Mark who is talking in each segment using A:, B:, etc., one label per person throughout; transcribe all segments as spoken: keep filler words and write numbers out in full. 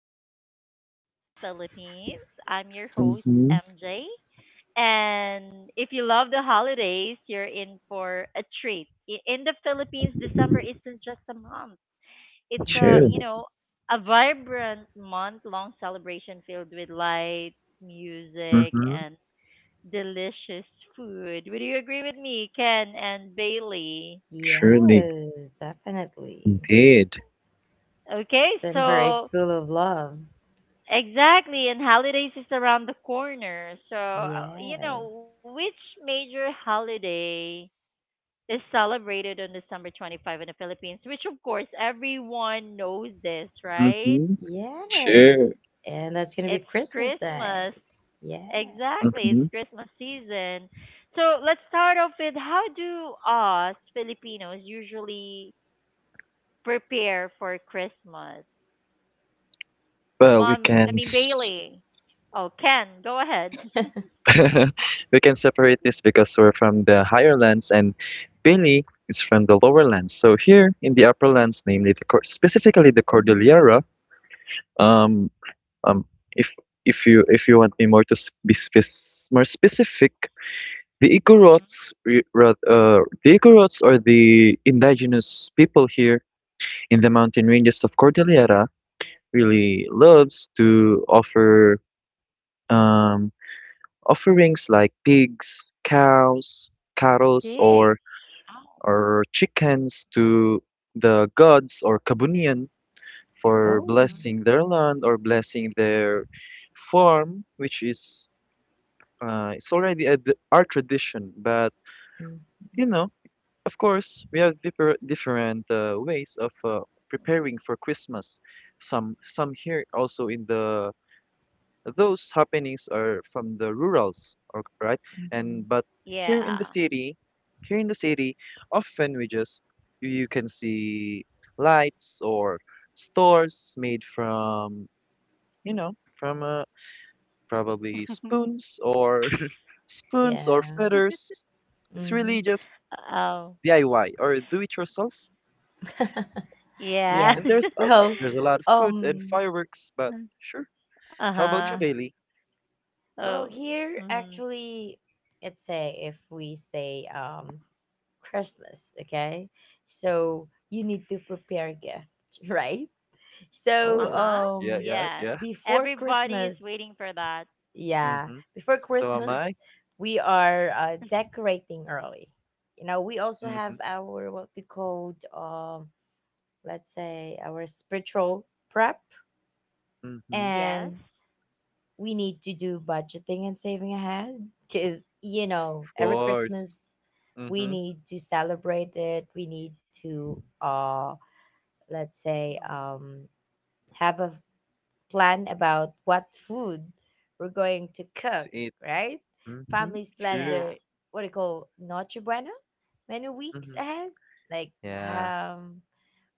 A: to Christmas in the Philippines. I'm your host,
B: Mhm.
A: M J. And if you love the holidays, you're in for a treat. I- In the Philippines, December isn't just a month. It's a, you
B: True.
A: know, a vibrant month-long celebration filled with lights, music,
B: Mhm.
A: and delicious food. Would you agree with me, Ken and Bailey?
B: Truly,
C: Yes, definitely.
B: indeed.
A: Okay,
C: December is
A: so
C: full of love.
A: exactly, and holidays is around the corner. So, uh, you know,
C: Yes.
A: which major holiday is celebrated on December twenty-fifth in the Philippines? Which, of course, everyone knows this, right?
B: Mhm.
C: Yes.
B: True.
C: And that's going to
A: It's
C: be Christmas
A: Christmas.
C: Day. Yeah.
A: Exactly, it's
B: Mhm.
A: Christmas season. So, let's start off with how do us Filipinos usually prepare for Christmas?
B: Well, we
A: Mom,
B: can
A: I mean,
B: s-
A: Bailey. Oh, Ken, go ahead.
B: we can separate this because we're from the higher lands and Billy is from the lower lands. So here in the upper lands, namely the cor specifically the
C: hmm
B: Cordillera. Um, um, if if you if you want me more to s- be spec more specific, the Igorots, re- rath- uh, the Igorots are the indigenous people here in the mountain ranges of Cordillera, really loves to offer um, offerings like pigs, cows, cattle,
A: Big.
B: or
A: Oh.
B: or chickens to the gods or Kabunian for
C: Oh.
A: hmm
B: blessing their land or blessing their farm, which is uh, it's already a, d- our tradition. But you
C: hmm
B: know, of course, we have differ, different uh, ways of uh,
A: hmm
B: preparing for Christmas. Some some here also in the those happenings are from the rurals or right.
C: hmm
B: And but here in the
A: Yeah.
B: city, here in the city often we just, you can see lights or stores made from, you know from uh, probably spoons or
C: Yeah.
B: spoons or feathers. It's really
C: hmm
B: just
A: Oh.
B: DIY or do it yourself. Yeah,
A: Yeah.
C: yeah.
B: and there's a, a-
C: Well,
B: there's a lot of food and
C: um,
B: fireworks, but sure. How about you,
A: Uh-huh.
C: mhm.
B: Bailey?
C: Well,
A: Oh.
C: here
A: hmm
C: actually, let's say if we say um Christmas, okay? So you need to prepare gifts, right? So,
B: oh
A: Uh-huh.
B: yeah
C: um,
B: yeah
A: Yeah.
B: yeah
C: Before
A: Everybody is
C: Christmas,
A: waiting for that.
C: yeah,
B: Mm-hmm.
C: before
B: So am I.
C: Christmas, we are uh, decorating early. You know, we also have
B: Mhm.
C: our what we called, um, let's say, our spiritual prep,
B: Mhm.
A: Yes.
C: and we need to do budgeting and saving ahead because you know
B: Of
C: every
B: course.
C: Christmas we
B: Mhm.
C: need to celebrate it. We need to, uh, let's say,
A: Mhm.
C: um, have a plan about what food we're going to cook,
B: To eat.
C: right?
B: Mhm,
C: Families plan
B: sure.
A: Yeah.
C: their what do you call Noche Buena menu weeks
B: Mhm.
C: ahead, like
B: Yeah.
C: ham,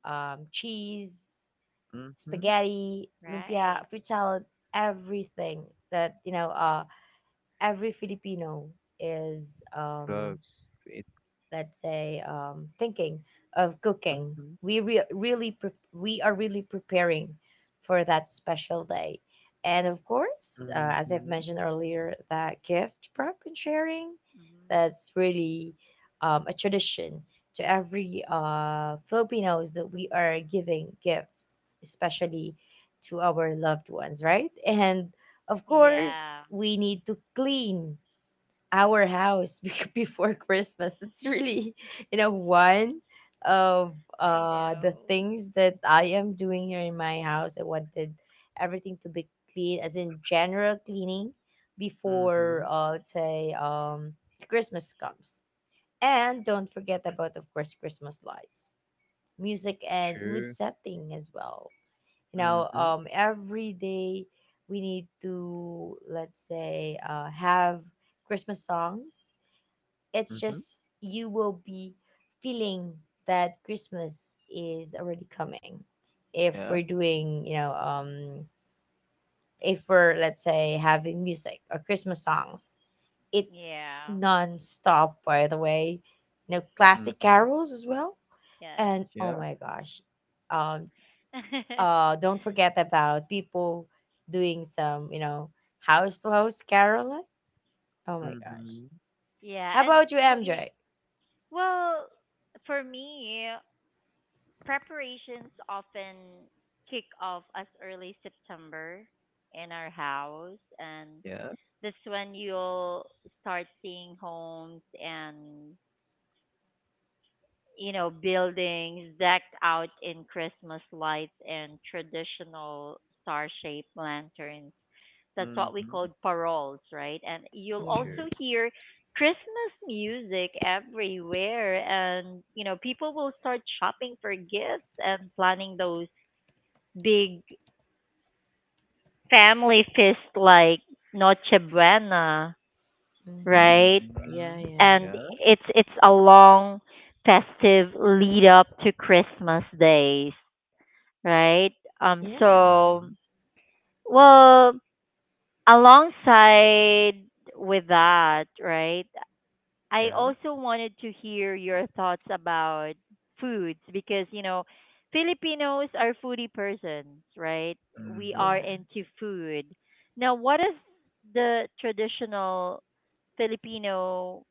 C: um, cheese,
B: Mhm.
C: spaghetti, lumpia,
A: Right.
C: fruit salad, everything that you know. Uh, every Filipino is um
B: Both to eat.
C: let's say um, thinking of cooking
B: Mhm.
C: we re- really pre- we are really preparing for that special day, and of course uh, as I've
B: Mhm.
C: mentioned earlier, that gift prep and sharing,
A: hmm
C: that's really um, a tradition to every uh, Filipinos, that we are giving gifts especially to our loved ones, right? And of course
A: Yeah.
C: we need to clean our house bec- before Christmas. It's really, you know, one of
A: I
C: uh the
A: know.
C: things that I am doing here in my house. I wanted everything to be clean, as in general cleaning before
B: Mhm.
C: uh let's say um Christmas comes. And don't forget about, of course, Christmas lights, music, and mood
B: Sure.
C: setting as well. You know,
B: Mhm.
C: um, every day we need to, let's say, uh have Christmas songs. It's
B: Mhm.
C: just you will be feeling that Christmas is already coming if
B: Yeah.
C: we're doing, you know, um, if we're, let's say, having music or Christmas songs. It's
A: Yeah.
C: non-stop, by the way. You know, classic
B: Mhm.
C: carols as well.
A: Yes.
C: And oh
B: Yeah.
C: my gosh, um, uh, don't forget about people doing some, you know, house to house caroling. Oh my gosh.
B: Mhm.
A: Yeah.
C: How
A: And
C: about you,
A: well, y-
C: M J?
A: well, for me, preparations often kick off as early September in our house, and
B: Yeah.
A: that's when you'll start seeing homes and you know buildings decked out in Christmas lights and traditional star-shaped lanterns. That's what we
B: Mhm.
A: call paroles, right? And you'll
C: Yeah.
A: also
B: Sure.
A: hear Christmas music everywhere, and you know people will start shopping for gifts and planning those big family feast like Noche Buena,
C: Mm-hmm.
A: right?
C: Yeah,
B: Mhm.
C: yeah.
A: And
B: Yeah.
A: it's it's a long festive lead up to Christmas days, right? Um
B: Uh-huh.
C: Yes.
A: so well, alongside with that, right? I
B: Yeah.
A: also wanted to hear your thoughts about foods because, you know, Filipinos are foodie persons, right? We
B: Mhm.
A: are
C: Yeah.
A: into food. Now, what is the traditional Filipino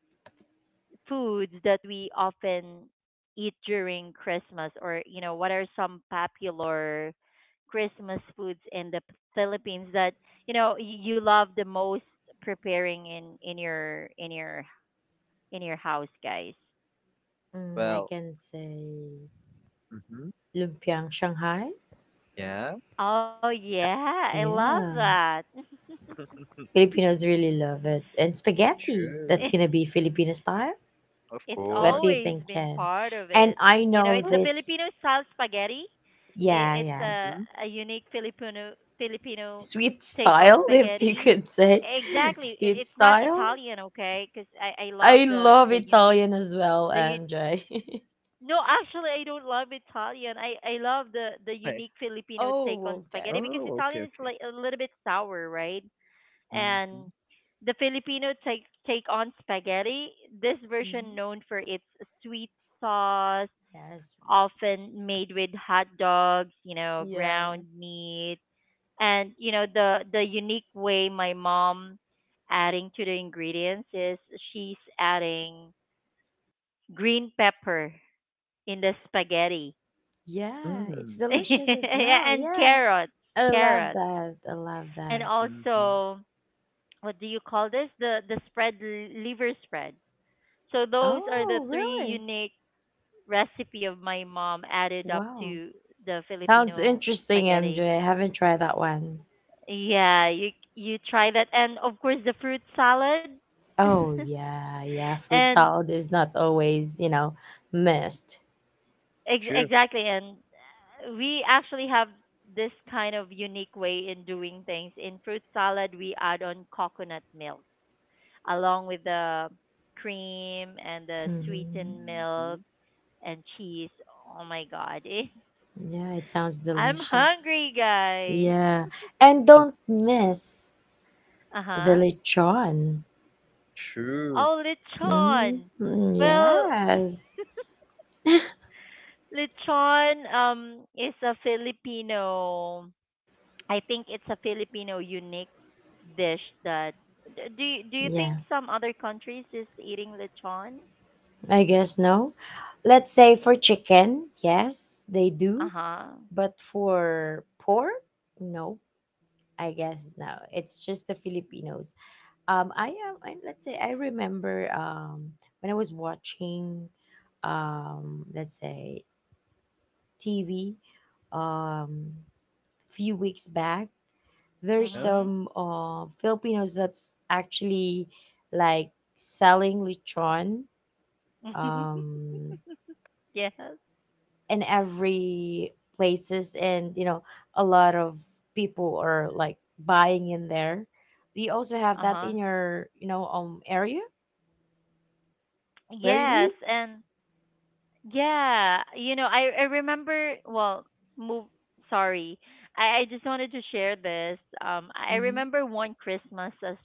A: foods that we often eat during Christmas or, you know, what are some popular Christmas foods in the P- Philippines that, you know, y- you love the most preparing in in your in your in your house, guys?
C: Mm, I
B: Well.
C: can say
B: Mhm.
C: lumpiang Shanghai.
B: Yeah.
A: Oh yeah, I love
C: Yeah.
A: that.
C: Filipinos really love it. And spaghetti.
B: Sure.
C: That's going to be Filipino style.
B: Of
A: It's
C: What do you
B: course.
A: always
C: think,
A: been
C: Ken?
A: part of
C: And
A: it.
C: I
A: You know,
C: know
B: Of
A: it's the
B: course.
C: this.
A: Filipino style spaghetti.
C: Yeah,
A: I-
C: yeah.
A: It's a
B: Mhm.
A: a unique Filipino Filipino
C: Sweet
A: take on
C: style, if you
A: spaghetti.
C: could say.
A: Exactly.
C: Sweet
A: I- It's not
C: style.
A: Italian, okay? Because I I
C: I
A: love the
C: love
A: the unique
C: Italian as well,
A: the u-
C: M J.
A: no actually I don't love Italian. I I love the the
B: Hi.
A: unique Filipino take
C: Oh,
A: on spaghetti
C: okay.
A: because
B: Oh, okay,
A: Italian is
B: okay.
A: like a little bit sour, right? And
B: Mhm.
A: the Filipino take take on spaghetti. This
C: Mm-hmm.
A: version, known for its sweet sauce,
C: Yes.
A: often made with hot dogs, you know,
C: Yeah.
A: ground meat, and you know the the unique way my mom adding to the ingredients is she's adding green pepper in the spaghetti.
C: Yeah, it's
B: Mm.
C: delicious as
A: Yeah,
C: well.
A: and
C: Yeah.
A: carrots,
C: I love
A: carrots,
C: that. I love
A: and
C: that.
B: Mhm.
A: also what do you call this? The the spread liver spread. So those are
B: Mm.
A: the
C: Oh,
A: three
C: really?
A: unique recipe of my mom added up
C: Wow.
A: to the
C: Sounds
A: Filipino
C: interesting,
A: spaghetti.
C: M J. Haven't tried that one.
A: Yeah, you you try that, and of course the fruit salad,
C: Oh, yeah. Yeah. Fruit
A: and
C: salad is not always, you know, missed.
A: ex-
B: True.
A: exactly, and uh, we actually have this kind of unique way in doing things. In fruit salad, we add on coconut milk along with the cream and the
C: hmm
A: sweetened milk
B: Mhm.
A: and cheese. Oh my god, it
C: Yeah, it sounds
A: I'm
C: delicious.
A: hungry, guys.
C: Yeah. And don't miss
A: Uh
C: the
A: huh.
C: lechon.
B: True.
A: Oh, lechon.
C: Mm-hmm.
A: Well,
C: Yes.
A: lechon um is a Filipino. I think it's a Filipino unique dish that. d- Do you, do you
C: Yeah.
A: think some other countries is eating lechon?
C: I guess no. Let's say for chicken, yes, they
A: Uh
C: do.
A: huh.
C: But for pork, no. I guess no. It's just the Filipinos. Um, I am. I, let's say, I remember um when I was watching, um, let's say, T V, um, few weeks back. There's
B: Huh?
A: Mhm.
C: some uh Filipinos that's actually like selling lechon. Um,
A: Yes.
C: in every places, and you know, a lot of people are like buying in there. Do you also have
A: Uh
C: that
A: huh.
C: in your, you know, um area where you
A: Yes,
C: live?
A: and yeah, you know, I I remember. Well, move. Sorry, I I just wanted to share this. Um, I
C: Mm-hmm.
A: remember one Christmas as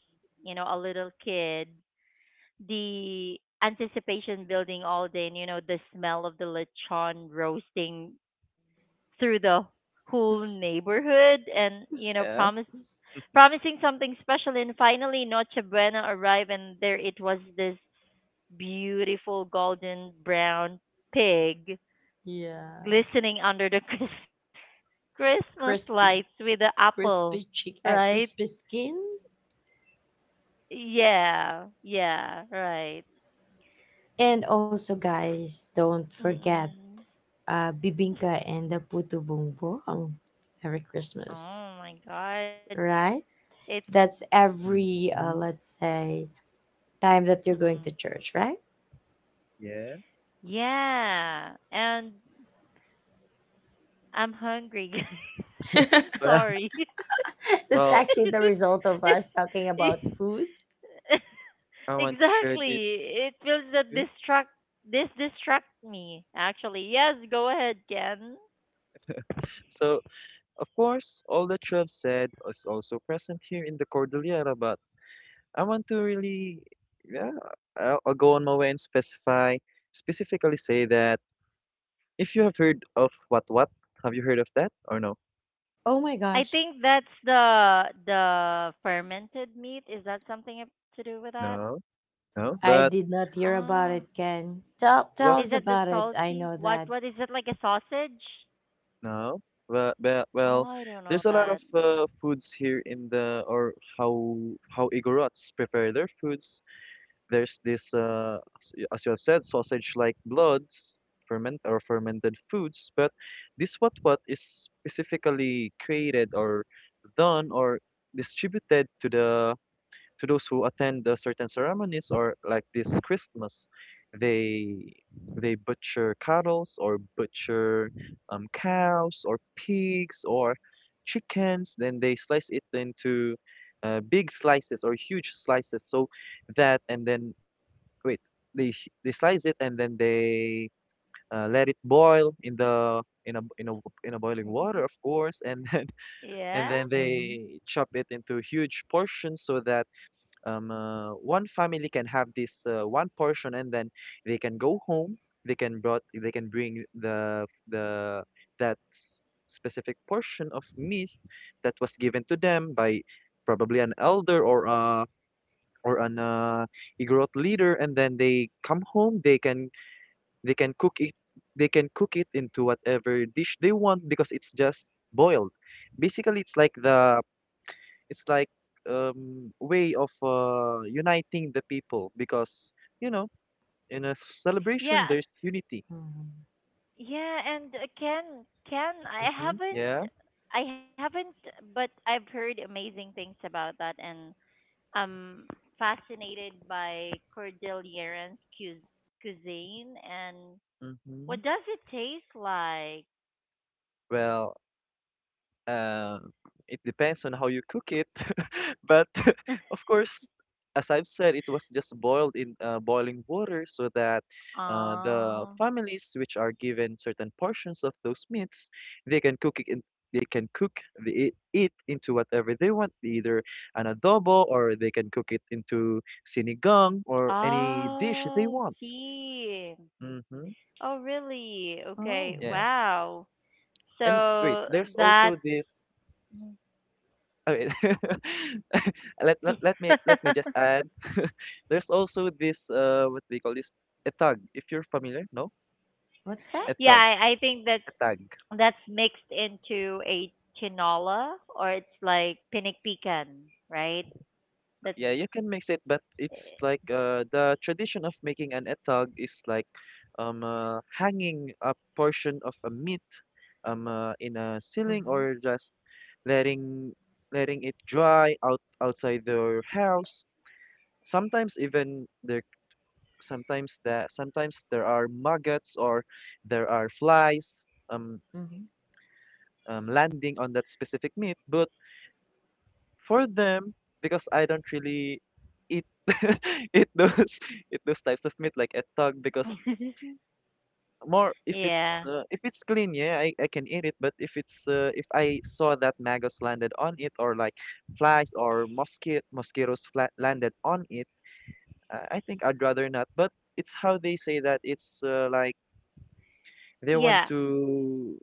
A: you know a little kid, the anticipation building all day, and you know the smell of the lechon roasting through the whole neighborhood, and you know
B: Yeah.
A: promise promising something special, and finally Noche Buena arrived, and there it was this beautiful golden brown pig
C: Yeah.
A: glistening under the Chris- Christmas lights with the
C: Crispy.
A: apple,
C: Crispy chick
A: right?
C: uh, Crispy skin.
A: Yeah, yeah, right.
C: And also, guys, don't forget
A: Mm-mm.
C: uh bibingka and the putu bumbong. Every
A: Oh
C: Christmas.
A: my God,
B: S-
C: Right,
A: it's
C: that's every uh
B: Mhm.
C: let's say time that you're going to
A: mhm.
C: church, right?
B: Yeah.
A: Yeah, and I'm hungry, guys. I'm
B: Well,
A: sorry.
C: That's
B: well,
C: actually the result of us talking about food.
B: I want to share this
A: Exactly, it feels that
B: too.
A: distract this distract me. Actually, yes, go ahead, Ken.
B: So, of course, all that you have said is also present here in the Cordillera, but I want to really, yeah, I'll, I'll go on my way and specify, specifically say that, if you have heard of what what, have you heard of that or no?
C: Oh my
A: I think
C: gosh.
A: that's the the fermented meat. Is that something to do with that?
B: No, no.
C: I
B: But
C: did not hear about
A: Ah,
C: it, Ken. Tell,
B: what?
C: tell
A: is
C: us
A: that the
C: about it. I
A: salty?
C: know
A: What
C: that.
A: what is it like a sausage?
B: No, well, well,
A: Oh,
B: well,
A: I don't know
B: there's a lot of
A: that.
B: uh, foods here in the or how how Igorots prepare their foods. There's this, uh, as y- as you have said, sausage-like bloods, ferment or fermented foods. But this, what what is specifically created or done or distributed to the, to those who attend the certain ceremonies, or like this Christmas, they they butcher cattles or butcher um, cows or pigs or chickens. Then they slice it into uh, big slices or huge slices. So that, and then wait, they sh- they slice it and then they uh, let it boil in the in a in a in a boiling water, of course. And then
A: Yeah,
B: and then
C: hmm
B: they chop it into huge portions so that um, uh, one family can have this uh, one portion, and then they can go home, they can brought they can bring the the that s- specific portion of meat that was given to them by probably an elder, or uh or an uh, Igorot leader, and then they come home, they can they can cook it they can cook it into whatever dish they want, because it's just boiled. Basically, it's like the, it's like um way of uh, uniting the people, because you know, in a
A: yeah,
B: celebration
A: um,
B: there's unity.
C: hmm
A: yeah. And uh, Ken, Ken, I
B: Hmm. Yeah.
A: haven't, I haven't, but I've heard amazing things about that, and I'm fascinated by Cordilleran's cuis- cuisine and
B: Mm-hmm.
A: what does it taste like?
B: Well, Um, it depends on how you cook it, but of course, as I've said, it was just boiled in uh, boiling water, so that uh, the
A: Oh,
B: families which are given certain portions of those meats, they can cook it. In, they can cook the, it into whatever they want, either an adobo, or they can cook it into sinigang or any dish they
A: oh,
B: want.
A: he.
B: Hmm.
A: Oh, really? Okay.
C: Oh,
B: Yeah.
A: Wow.
B: And wait,
A: So
B: there's also
A: that's
B: this. I mean, let, let let me let me just add. There's also this, uh what they call this, etag. If you're familiar, no?
C: what's that?
A: yeah.
B: Etag.
A: I, I think that's
B: Etag.
A: that's mixed into a tinola, or it's like pinik pican, right? That's
B: Yeah, you can mix it, but it's like uh the tradition of making an etag is like um uh, hanging a portion of a meat um uh, in a ceiling,
C: Mm-hmm.
B: or just letting letting it dry out outside their house. Sometimes even there sometimes that sometimes there are maggots, or there are flies um,
C: Mm-hmm.
B: um landing on that specific meat, but for them, because I don't really eat eat those eat those types of meat like a dog, because more if it's
A: yeah,
B: uh, if it's clean, yeah, I, I can eat it. But if it's uh, if I saw that maggots landed on it, or like flies or mosquito mosquitoes fla- landed on it, uh, I think I'd rather not. But it's how they say that it's uh, like they
A: yeah.
B: want to,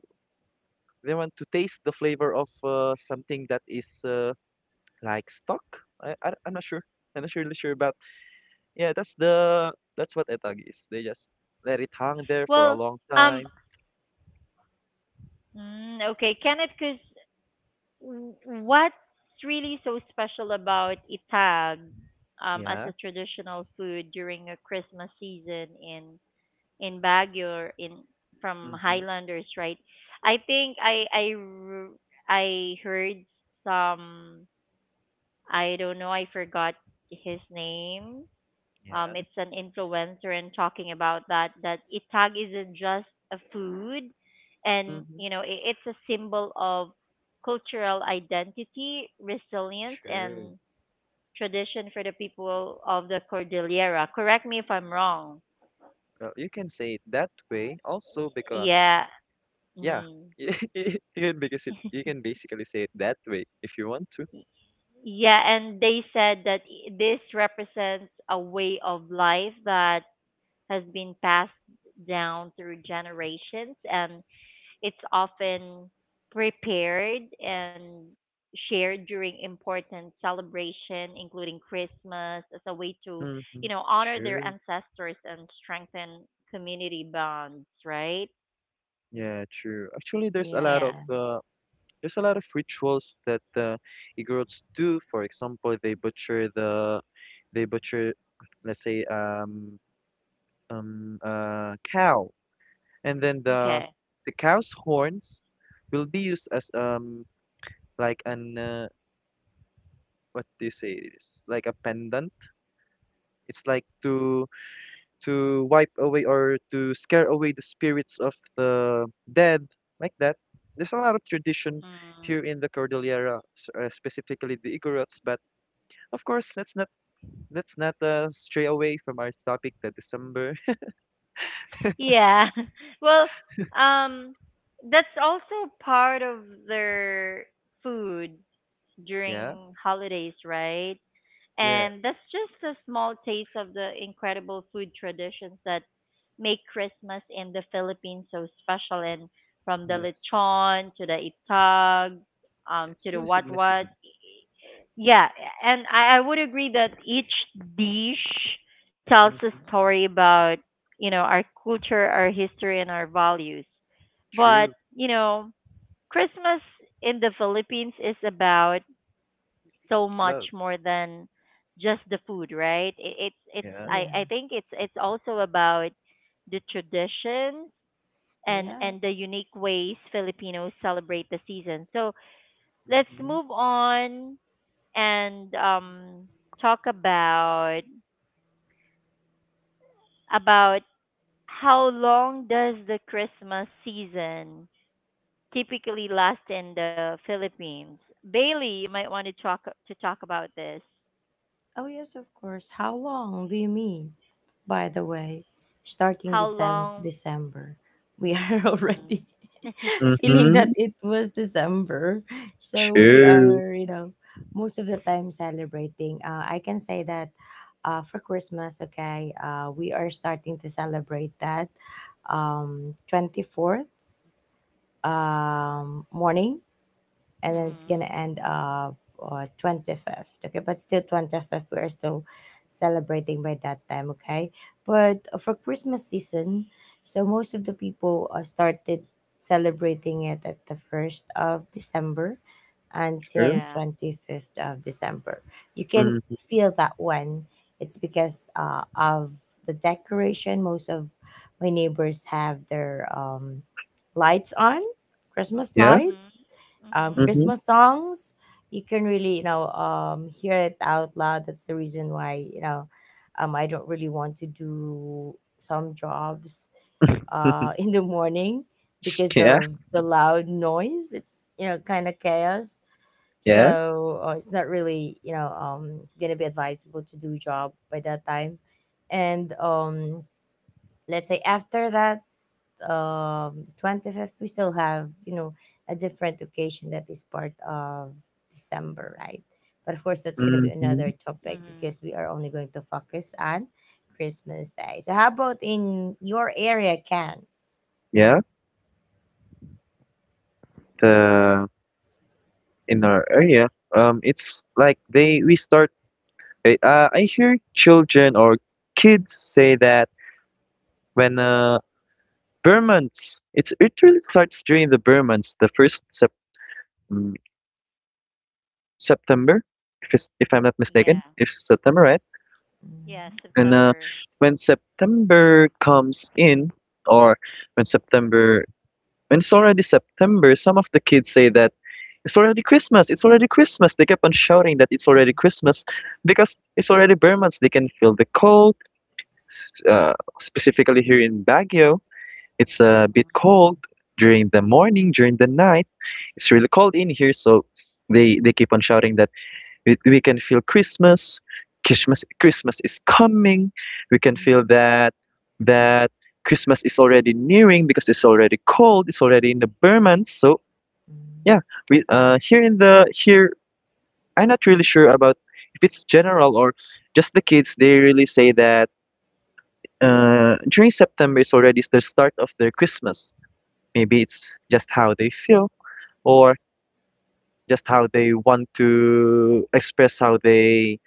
B: they want to taste the flavor of uh, something that is uh, like stock. I, I I'm not sure. I'm not really sure. But yeah, that's the, that's what etag is. They just let it hang there for
A: Well,
B: a long
A: um,
B: time.
A: mm, okay, Kenneth, because w- what's really so special about itag um, as
B: Yeah.
A: a traditional food during a Christmas season in in Baguio or in from
B: Mm-hmm.
A: Highlanders, right? I think I I r- I heard some I don't know I forgot his name um,
B: Yeah.
A: it's an influencer and talking about that that itag isn't just a food, and
B: Mm-hmm.
A: you know I it's a symbol of cultural identity, resilience, and
B: True.
A: tradition for the people of the Cordillera. Correct me if I'm wrong.
B: Well, you can say it that way also because,
A: Yeah.
B: yeah,
A: Mm.
B: you can, because it, you can basically say it that way if you want to.
A: Yeah, and they said that i- this represents a way of life that has been passed down through generations, and it's often prepared and shared during important celebration, including Christmas, as a way to, you
B: Mm-hmm.
A: know, honor their
B: True.
A: ancestors and strengthen community bonds, right?
B: Yeah, true. Actually, there's a
C: Yeah,
B: lot
A: Yeah.
B: of
C: yeah,
B: uh, there's a lot of rituals that the Igorots do. For example, they butcher the, they butcher, let's say, um, um, uh, cow, and then the,
A: Okay.
B: the cow's horns will be used as um, like an uh, what do you say? This like a pendant. It's like to to wipe away or to scare away the spirits of the dead, like that. There's a lot of tradition
A: Mm.
B: here in the Cordillera, s- uh, specifically the Igorots. But of course, let's not, let's not uh, stray away from our topic, the December.
A: Yeah. Well, um, that's also part of their food
B: Yeah.
A: during holidays, right?
B: Yes.
A: And that's just a small taste of the incredible food traditions that make Christmas in the Philippines so special. And from the
B: Yes.
A: lechon to the itag, um, to
B: It's
A: the
B: really
A: what what.
B: significant.
A: Yeah, and I, I would agree that each dish tells a
B: Hmm.
A: story about, you know, our culture, our history, and our values. But,
B: True
A: you know, Christmas in the Philippines is about so
B: love.
A: much more than just the food, right? It, it's it's
B: Yeah.
A: I
C: yeah,
A: I think it's it's also about the traditions and
C: yeah.
A: and the unique ways Filipinos celebrate the season. So let's
B: Hmm.
A: move on and um talk about about how long does the Christmas season typically last in the Philippines? Bailey, you might want to talk to talk about this.
C: Oh, yes, of course. How long do you mean? By the way, starting
A: How
C: Decem-
A: long
C: December, we are
A: mhm.
C: already feeling that
B: Hmm.
C: it was December. So we
B: True.
C: are, you know, most of the time celebrating. Uh, I can say that, uh, for Christmas, okay, uh, we are starting to celebrate that, um, twenty-fourth, um, morning, and then it's gonna
A: Mhm.
C: end up, uh, twenty-fifth. Okay, but still twenty-fifth we are still celebrating by that time, okay? But for Christmas season, so most of the people uh, started celebrating it at the first of December until
B: True.
C: the
A: Yeah.
C: twenty-fifth of December. You can
B: Hmm.
C: feel that one. It's because uh, of the decoration. Most of my neighbors have their, um, lights on, Christmas
B: Yeah.
C: lights,
A: Mhm.
C: um,
A: Mhm.
B: Hmm.
C: Christmas songs, you can really, you know, um, hear it out loud. That's the reason why, you know, um, I don't really want to do some jobs uh, in the morning because
B: Yeah.
C: of the loud noise. It's, you know, kind of chaos.
B: Yeah.
C: So uh, it's not really, you know, um, gonna be advisable to do job by that time. And um, let's say after that, um twenty-fifth, we still have, you know, a different occasion that is part of December, right? But of course that's going to be
B: Hmm.
C: another topic,
A: Mhm.
C: because we are only going to focus on Christmas Day. So how about in your area, can
B: Yeah. The, in our area, um, it's like they we start. I- Uh, I hear children or kids say that when uh bare months. It's it really starts during the bare months, the first sep, mm, September, if it's, if I'm not mistaken,
A: Yeah.
B: it's September, right?
A: Yeah,
C: mm
B: And uh,
A: September.
B: when September comes in, or when September, when it's already September, some of the kids say that it's already Christmas. It's already Christmas. They kept on shouting that it's already Christmas because it's already bare months. They can feel the cold. s- Uh, Specifically here in Baguio, it's a bit
A: Mhm.
B: cold during the morning, during the night. It's really cold in here, so they they keep on shouting that we, we can feel Christmas, christmas christmas is coming. We can feel
C: Mhm.
B: that, that Christmas is already nearing because it's already cold. It's already in the bare. So yeah,
C: Mm.
B: we uh here in the here I'm not really sure about if it's general or just the kids. They really say that uh during September is already the start of their Christmas. Maybe it's just how they feel, or just how they want to express how they,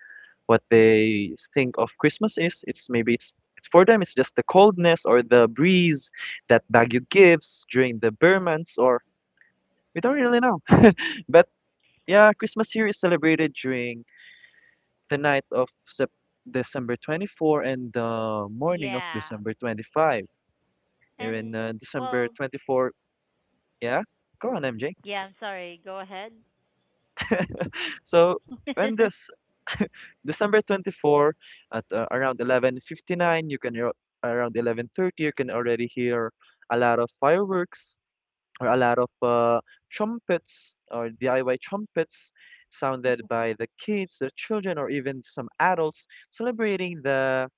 B: what they think of Christmas is. It's maybe it's it's for them. It's just the coldness or the breeze that Baguio gives during the Burr months, or we don't really know. But yeah, Christmas here is celebrated during the night of Sep- December twenty-fourth, and the morning of
A: Yeah.
B: December twenty-fifth. Even
A: And
B: uh, December
A: well,
B: 24, yeah. Go on, M J.
A: yeah, I'm sorry. Go ahead.
B: So when this December twenty-fourth, at uh, around eleven fifty-nine, you can hear, around eleven thirty you can already hear a lot of fireworks, or a lot of uh, trumpets or D I Y trumpets sounded by the kids, the children, or even some adults celebrating the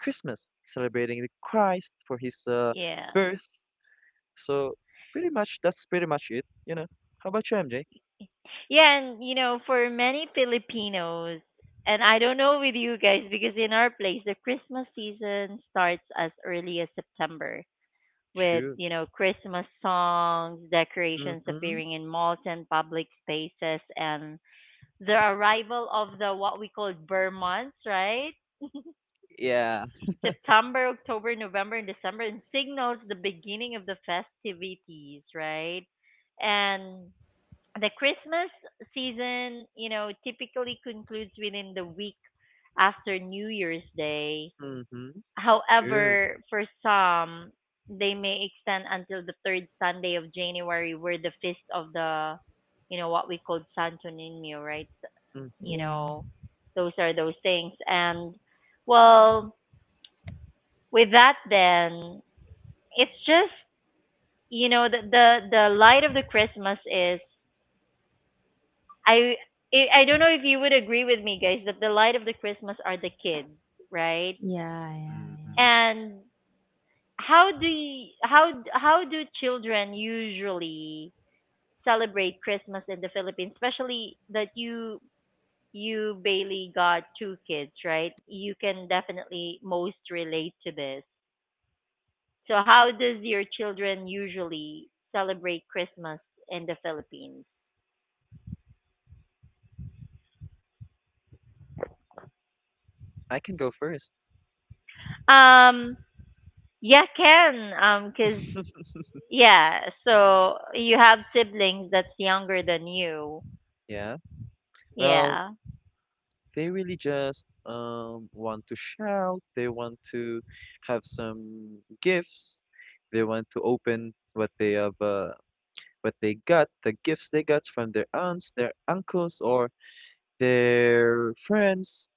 B: Christmas, celebrating the Christ for his uh,
A: Yeah.
B: birth. So pretty much, that's pretty much it, you know. How about you, M J?
A: Yeah, and you know, for many Filipinos, and I don't know with you guys because in our place the Christmas season starts as early as September. With
B: True.
A: you know Christmas songs, decorations
B: Mm-hmm.
A: appearing in malls and public spaces, and the arrival of the what we call Burr months, right?
B: Yeah.
A: September, October, November, and December, and signals the beginning of the festivities, right? And the Christmas season, you know, typically concludes within the week after New Year's Day.
B: Mm-hmm. True.
A: However, for some, they may extend until the third Sunday of January, where the feast of the, you know, what we call Santo Niño, right?
B: Mm-hmm.
A: You
C: yeah
A: know, those are those things. And well, with that, then it's just you know the the, the light of the Christmas is I I I don't know if you would agree with me, guys, that the light of the Christmas are the kids, right?
C: yeah yeah yeah
B: Mhm.
A: And How do you, how how do children usually celebrate Christmas in the Philippines? Especially that you you Bailey got two kids, right? You can definitely most relate to this. So how does your children usually celebrate Christmas in the Philippines?
B: I can go first.
A: Um, yeah, can um, cause yeah. So you have siblings that's younger than you.
B: Yeah. Well,
A: Yeah.
B: they really just um want to shout. They want to have some gifts. They want to open what they have, uh, what they got, the gifts they got from their aunts, their uncles, or their friends.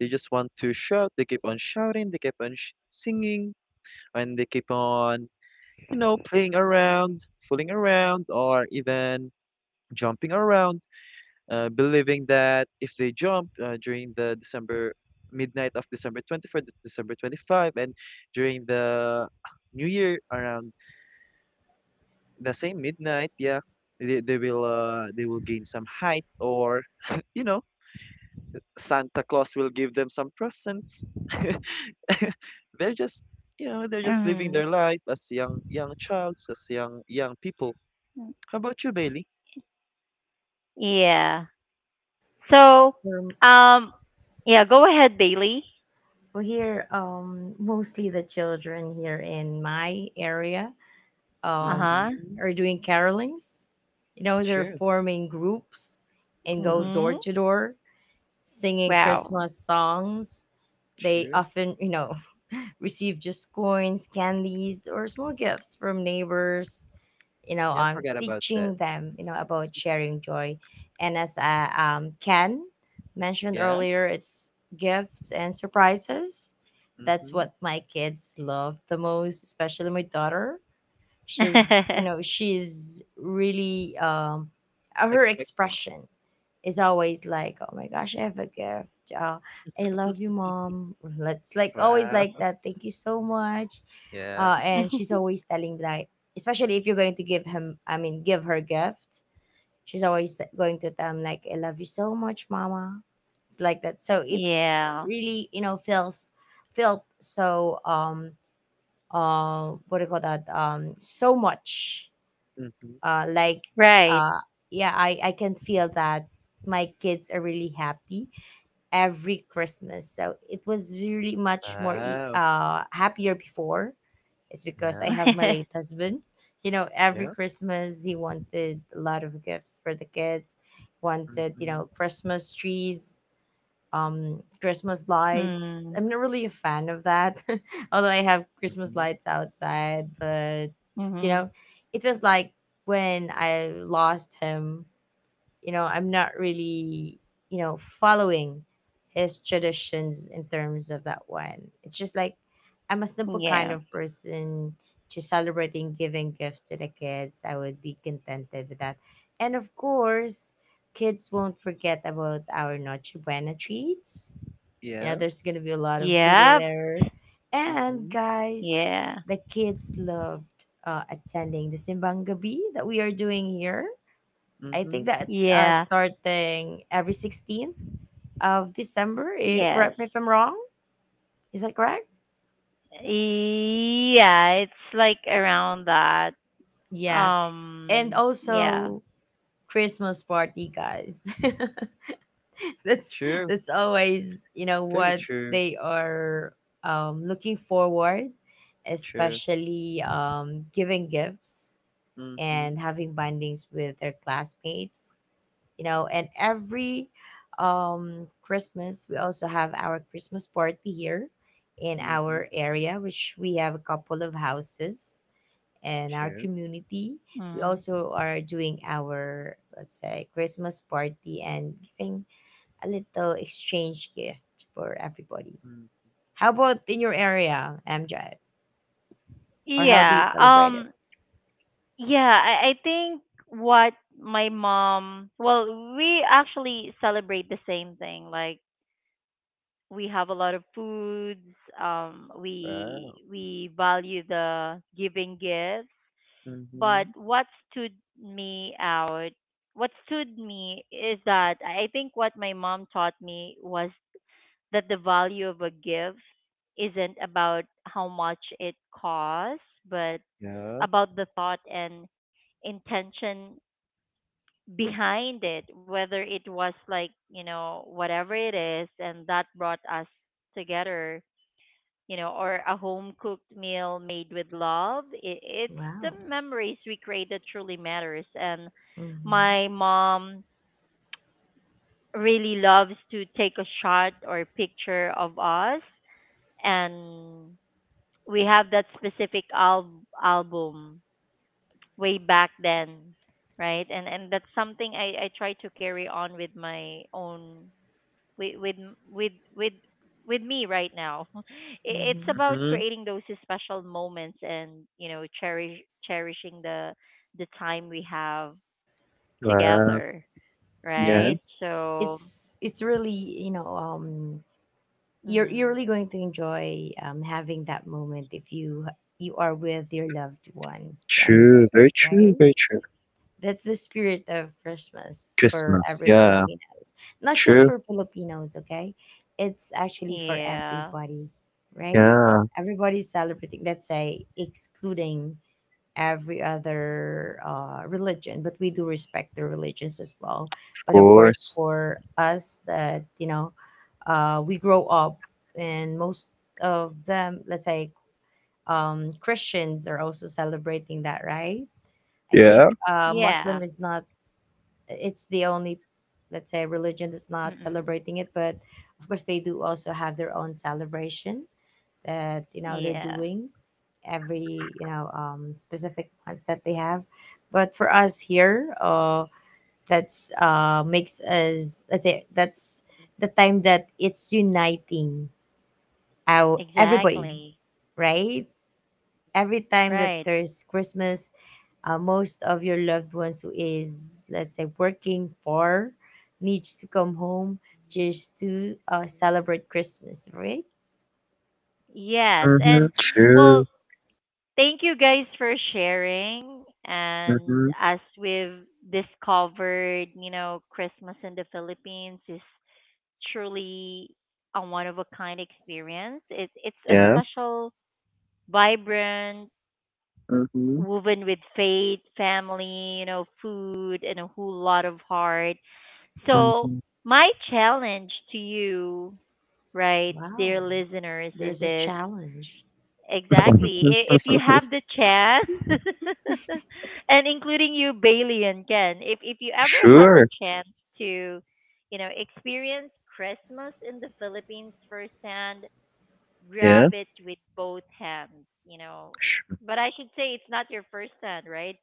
B: They just want to shout. They keep on shouting. They keep on sh singing, and they keep on, you know, playing around, fooling around, or even jumping around, uh, believing that if they jump uh, during the December midnight of December twenty-fourth to December twenty-fifth, and during the New Year around the same midnight, yeah, they, they will uh, they will gain some height, or you know, Santa Claus will give them some presents. They're just, you know, they're just living their life as young young childs, as young young people. How about you, Bailey?
A: Yeah. So,
C: we're,
A: um, yeah, go ahead, Bailey.
C: we're here, um mostly the children here in my area,
A: Uh
C: um,
A: huh.
B: Mm-hmm.
C: are doing carolings. You know, they're
B: Sure.
C: forming groups and go door
B: Mm-hmm.
A: Mhm.
C: to door singing
A: Wow.
C: Christmas songs. They
B: Sure.
C: often, you know, receive just coins, candies, or small gifts from neighbors. You know,
B: Yeah, I
C: um,
B: forgot about that.
C: teaching them, you know, about sharing joy. And as uh, um, Ken mentioned
B: Yeah,
C: earlier, it's gifts and surprises. That's
B: mhm.
C: what my kids love the most, especially my daughter. She's, you know, she's really um uh, her
B: Expecting.
C: expression is always like, oh my gosh, I have a gift, uh, I love you, mom. Let's like, always like
B: Wow.
C: that, thank you so much.
B: Yeah.
C: Uh, and she's always telling, like, especially if you're going to give him, I mean, give her gift, she's always going to tell him, like, I love you so much, mama. It's like that. So it
A: Yeah.
C: really, you know, feels, felt so um uh what do you call that, um so much
B: Mhm.
C: uh like uh
A: Right.
C: yeah, I I can feel that my kids are really happy every Christmas. So it was really much more e-
B: Wow.
C: uh happier before. It's because I
B: Yeah.
C: have my late husband. You know, every
B: Yeah.
C: Christmas he wanted a lot of gifts for the kids, wanted, you know,
B: Mhm.
C: Christmas trees, um Christmas lights.
A: Mm.
C: I'm not really a fan of that. Although I have Christmas
B: Mhm.
C: lights outside, but you know,
A: Mhm.
C: it was like, when I lost him, you know, I'm not really, you know, following his traditions in terms of that one. It's just like, I'm a simple
A: Yeah.
C: kind of person, just celebrating, giving gifts to the kids, I would be contented with that. And of course, kids won't forget about our Noche Buena treats, you know,
B: Yeah.
C: there's gonna be a lot of food in
A: Yep.
C: there. And
B: Mhm.
C: guys,
A: Yeah.
C: the kids loved uh, attending the simbang gabi that we are doing here. I think
B: Mhm.
C: that's uh,
A: Yeah.
C: starting every sixteenth of December. Eh,
A: Yes.
C: correct me if I'm wrong. Is that correct?
A: Yeah. It's like around that.
C: Yeah. And
A: Um. Yeah.
C: also Christmas party, guys. that's
B: True.
C: that's always, you know,
B: Very
C: what
B: true.
C: they are, um, looking forward,
B: True.
C: especially um, giving gifts
B: Mhm.
C: and having bindings with their classmates. You know, and every um Christmas, we also have our Christmas party here in
B: Mhm.
C: our area, which we have a couple of houses in our
B: True.
C: community. We
A: Mm.
C: also are doing our, let's say, Christmas party, and giving a little exchange gift for everybody.
B: Mm.
C: How about in your area, MJ, or how do you
A: Yeah.
C: celebrate it?
A: Um. Yeah, I, I think what my mom, well, we actually celebrate the same thing. Like we have a lot of foods. Um,
B: Wow.
A: we we value the giving gifts. But
B: Mhm.
A: what stood me out, what stood me is that I I think what my mom taught me was that the value of a gift isn't about how much it costs, but
B: Yeah.
A: about the thought and intention behind it, whether it was like, you know, whatever it is, and that brought us together, you know, or a home cooked meal made with love. It, it's the
C: Wow.
A: memories we create that truly matters. And
C: Mm-hmm.
A: my mom really loves to take a shot or picture of us. And we have that specific al- album way back then right and and that's something i i try to carry on with my own with with with with with me right now. I- It's
C: Mm-hmm.
A: about
B: Mhm.
A: creating those special moments and you know cherish cherishing the the time we have
B: Wow.
A: together,
B: Yeah.
A: right?
C: it's
A: So,
C: it's it's really, you know, um you're you're really
A: mm,
C: going to enjoy um having that moment if you, you are with your loved ones, M J,
B: True. Very true.
C: right?
B: Very true.
C: That's the spirit of Christmas for
B: Christmas.
C: every
B: Yeah.
C: Filipinos, not just
B: True.
C: for Filipinos, okay? It's actually for
A: yeah,
C: everybody, right?
B: Yeah.
C: Everybody's celebrating, let's say, excluding every other uh, religion, but we do respect the religions as well.
B: Of
C: But of course,
B: course.
C: for us that, you know, uh, we grow up, and most of them, let's say, um, Christians are also celebrating that, right? I think
B: Yeah.
C: uh, Muslim
A: yeah,
C: is not. It's the only, let's say, religion that's not
A: mm
C: celebrating it, but of course they do also have their own celebration that, you know, they're
A: yeah,
C: doing every, you know, um, specific ones that they have. But for us here, uh that's uh makes us, let's say, that's the time that it's uniting our everybody,
A: exactly,
C: right? Every time
A: right.
C: that there's Christmas, uh, most of your loved ones who is, let's say, working for, needs to come home just to uh, celebrate Christmas, right?
A: Yes, and
B: Mhm.
A: well,
B: True.
A: thank you guys for sharing. And
B: Mhm.
A: as we've discovered, you know, Christmas in the Philippines is truly a one of a kind experience. It, it's a
B: Yeah.
A: special, vibrant,
B: Mhm.
A: woven with faith, family, you know, food, and a whole lot of heart. So,
B: Mhm.
A: my challenge to you, right, dear
C: Wow.
A: listeners, is
C: There's a
A: this.
C: challenge.
A: Exactly. I- If you have the chance, and including you, Bailey and Ken, if if you ever have the
B: Sure.
A: chance to, you know, experience Christmas in the Philippines firsthand, grab
B: Yeah.
A: it with both hands. You know,
B: Sh
A: but I should say it's not your first hand, right?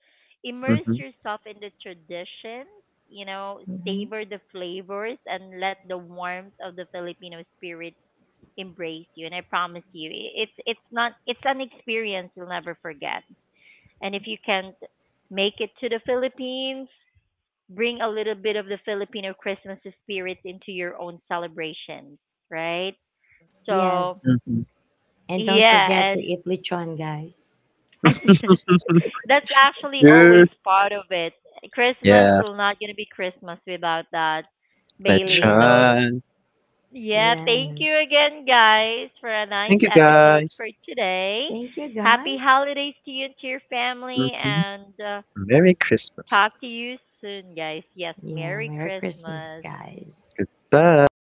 A: Immerse
B: mhm,
A: yourself in the traditions. You know,
C: Mhm.
A: savor the flavors and let the warmth of the Filipino spirit embrace you. And I promise you, i- it's it's not it's an experience you'll never forget. And if you can't make it to the Philippines, bring a little bit of the Filipino Christmas spirit into your own celebrations, right? So
C: Yes.
B: mhm.
C: And don't forget
A: yeah,
C: to
A: and
C: eat lechon, guys.
A: that's actually always
B: Sure.
A: part of it. Christmas
B: Yeah.
A: will not gonna be Christmas without that,
B: Let's
A: Bailey.
C: Yeah.
A: So
B: try.
A: yeah, thank
C: Yes.
A: you again, guys, for a nice
B: Thank you,
A: episode for
B: guys.
A: today.
C: Thank you,
A: Happy
C: guys.
A: holidays to you and to your family,
B: Hmm.
A: and uh,
B: Merry
A: talk
B: Christmas.
A: to you soon, guys. Yes,
C: Yeah.
A: Merry
C: Merry Christmas,
A: Christmas.
C: guys.
B: Goodbye.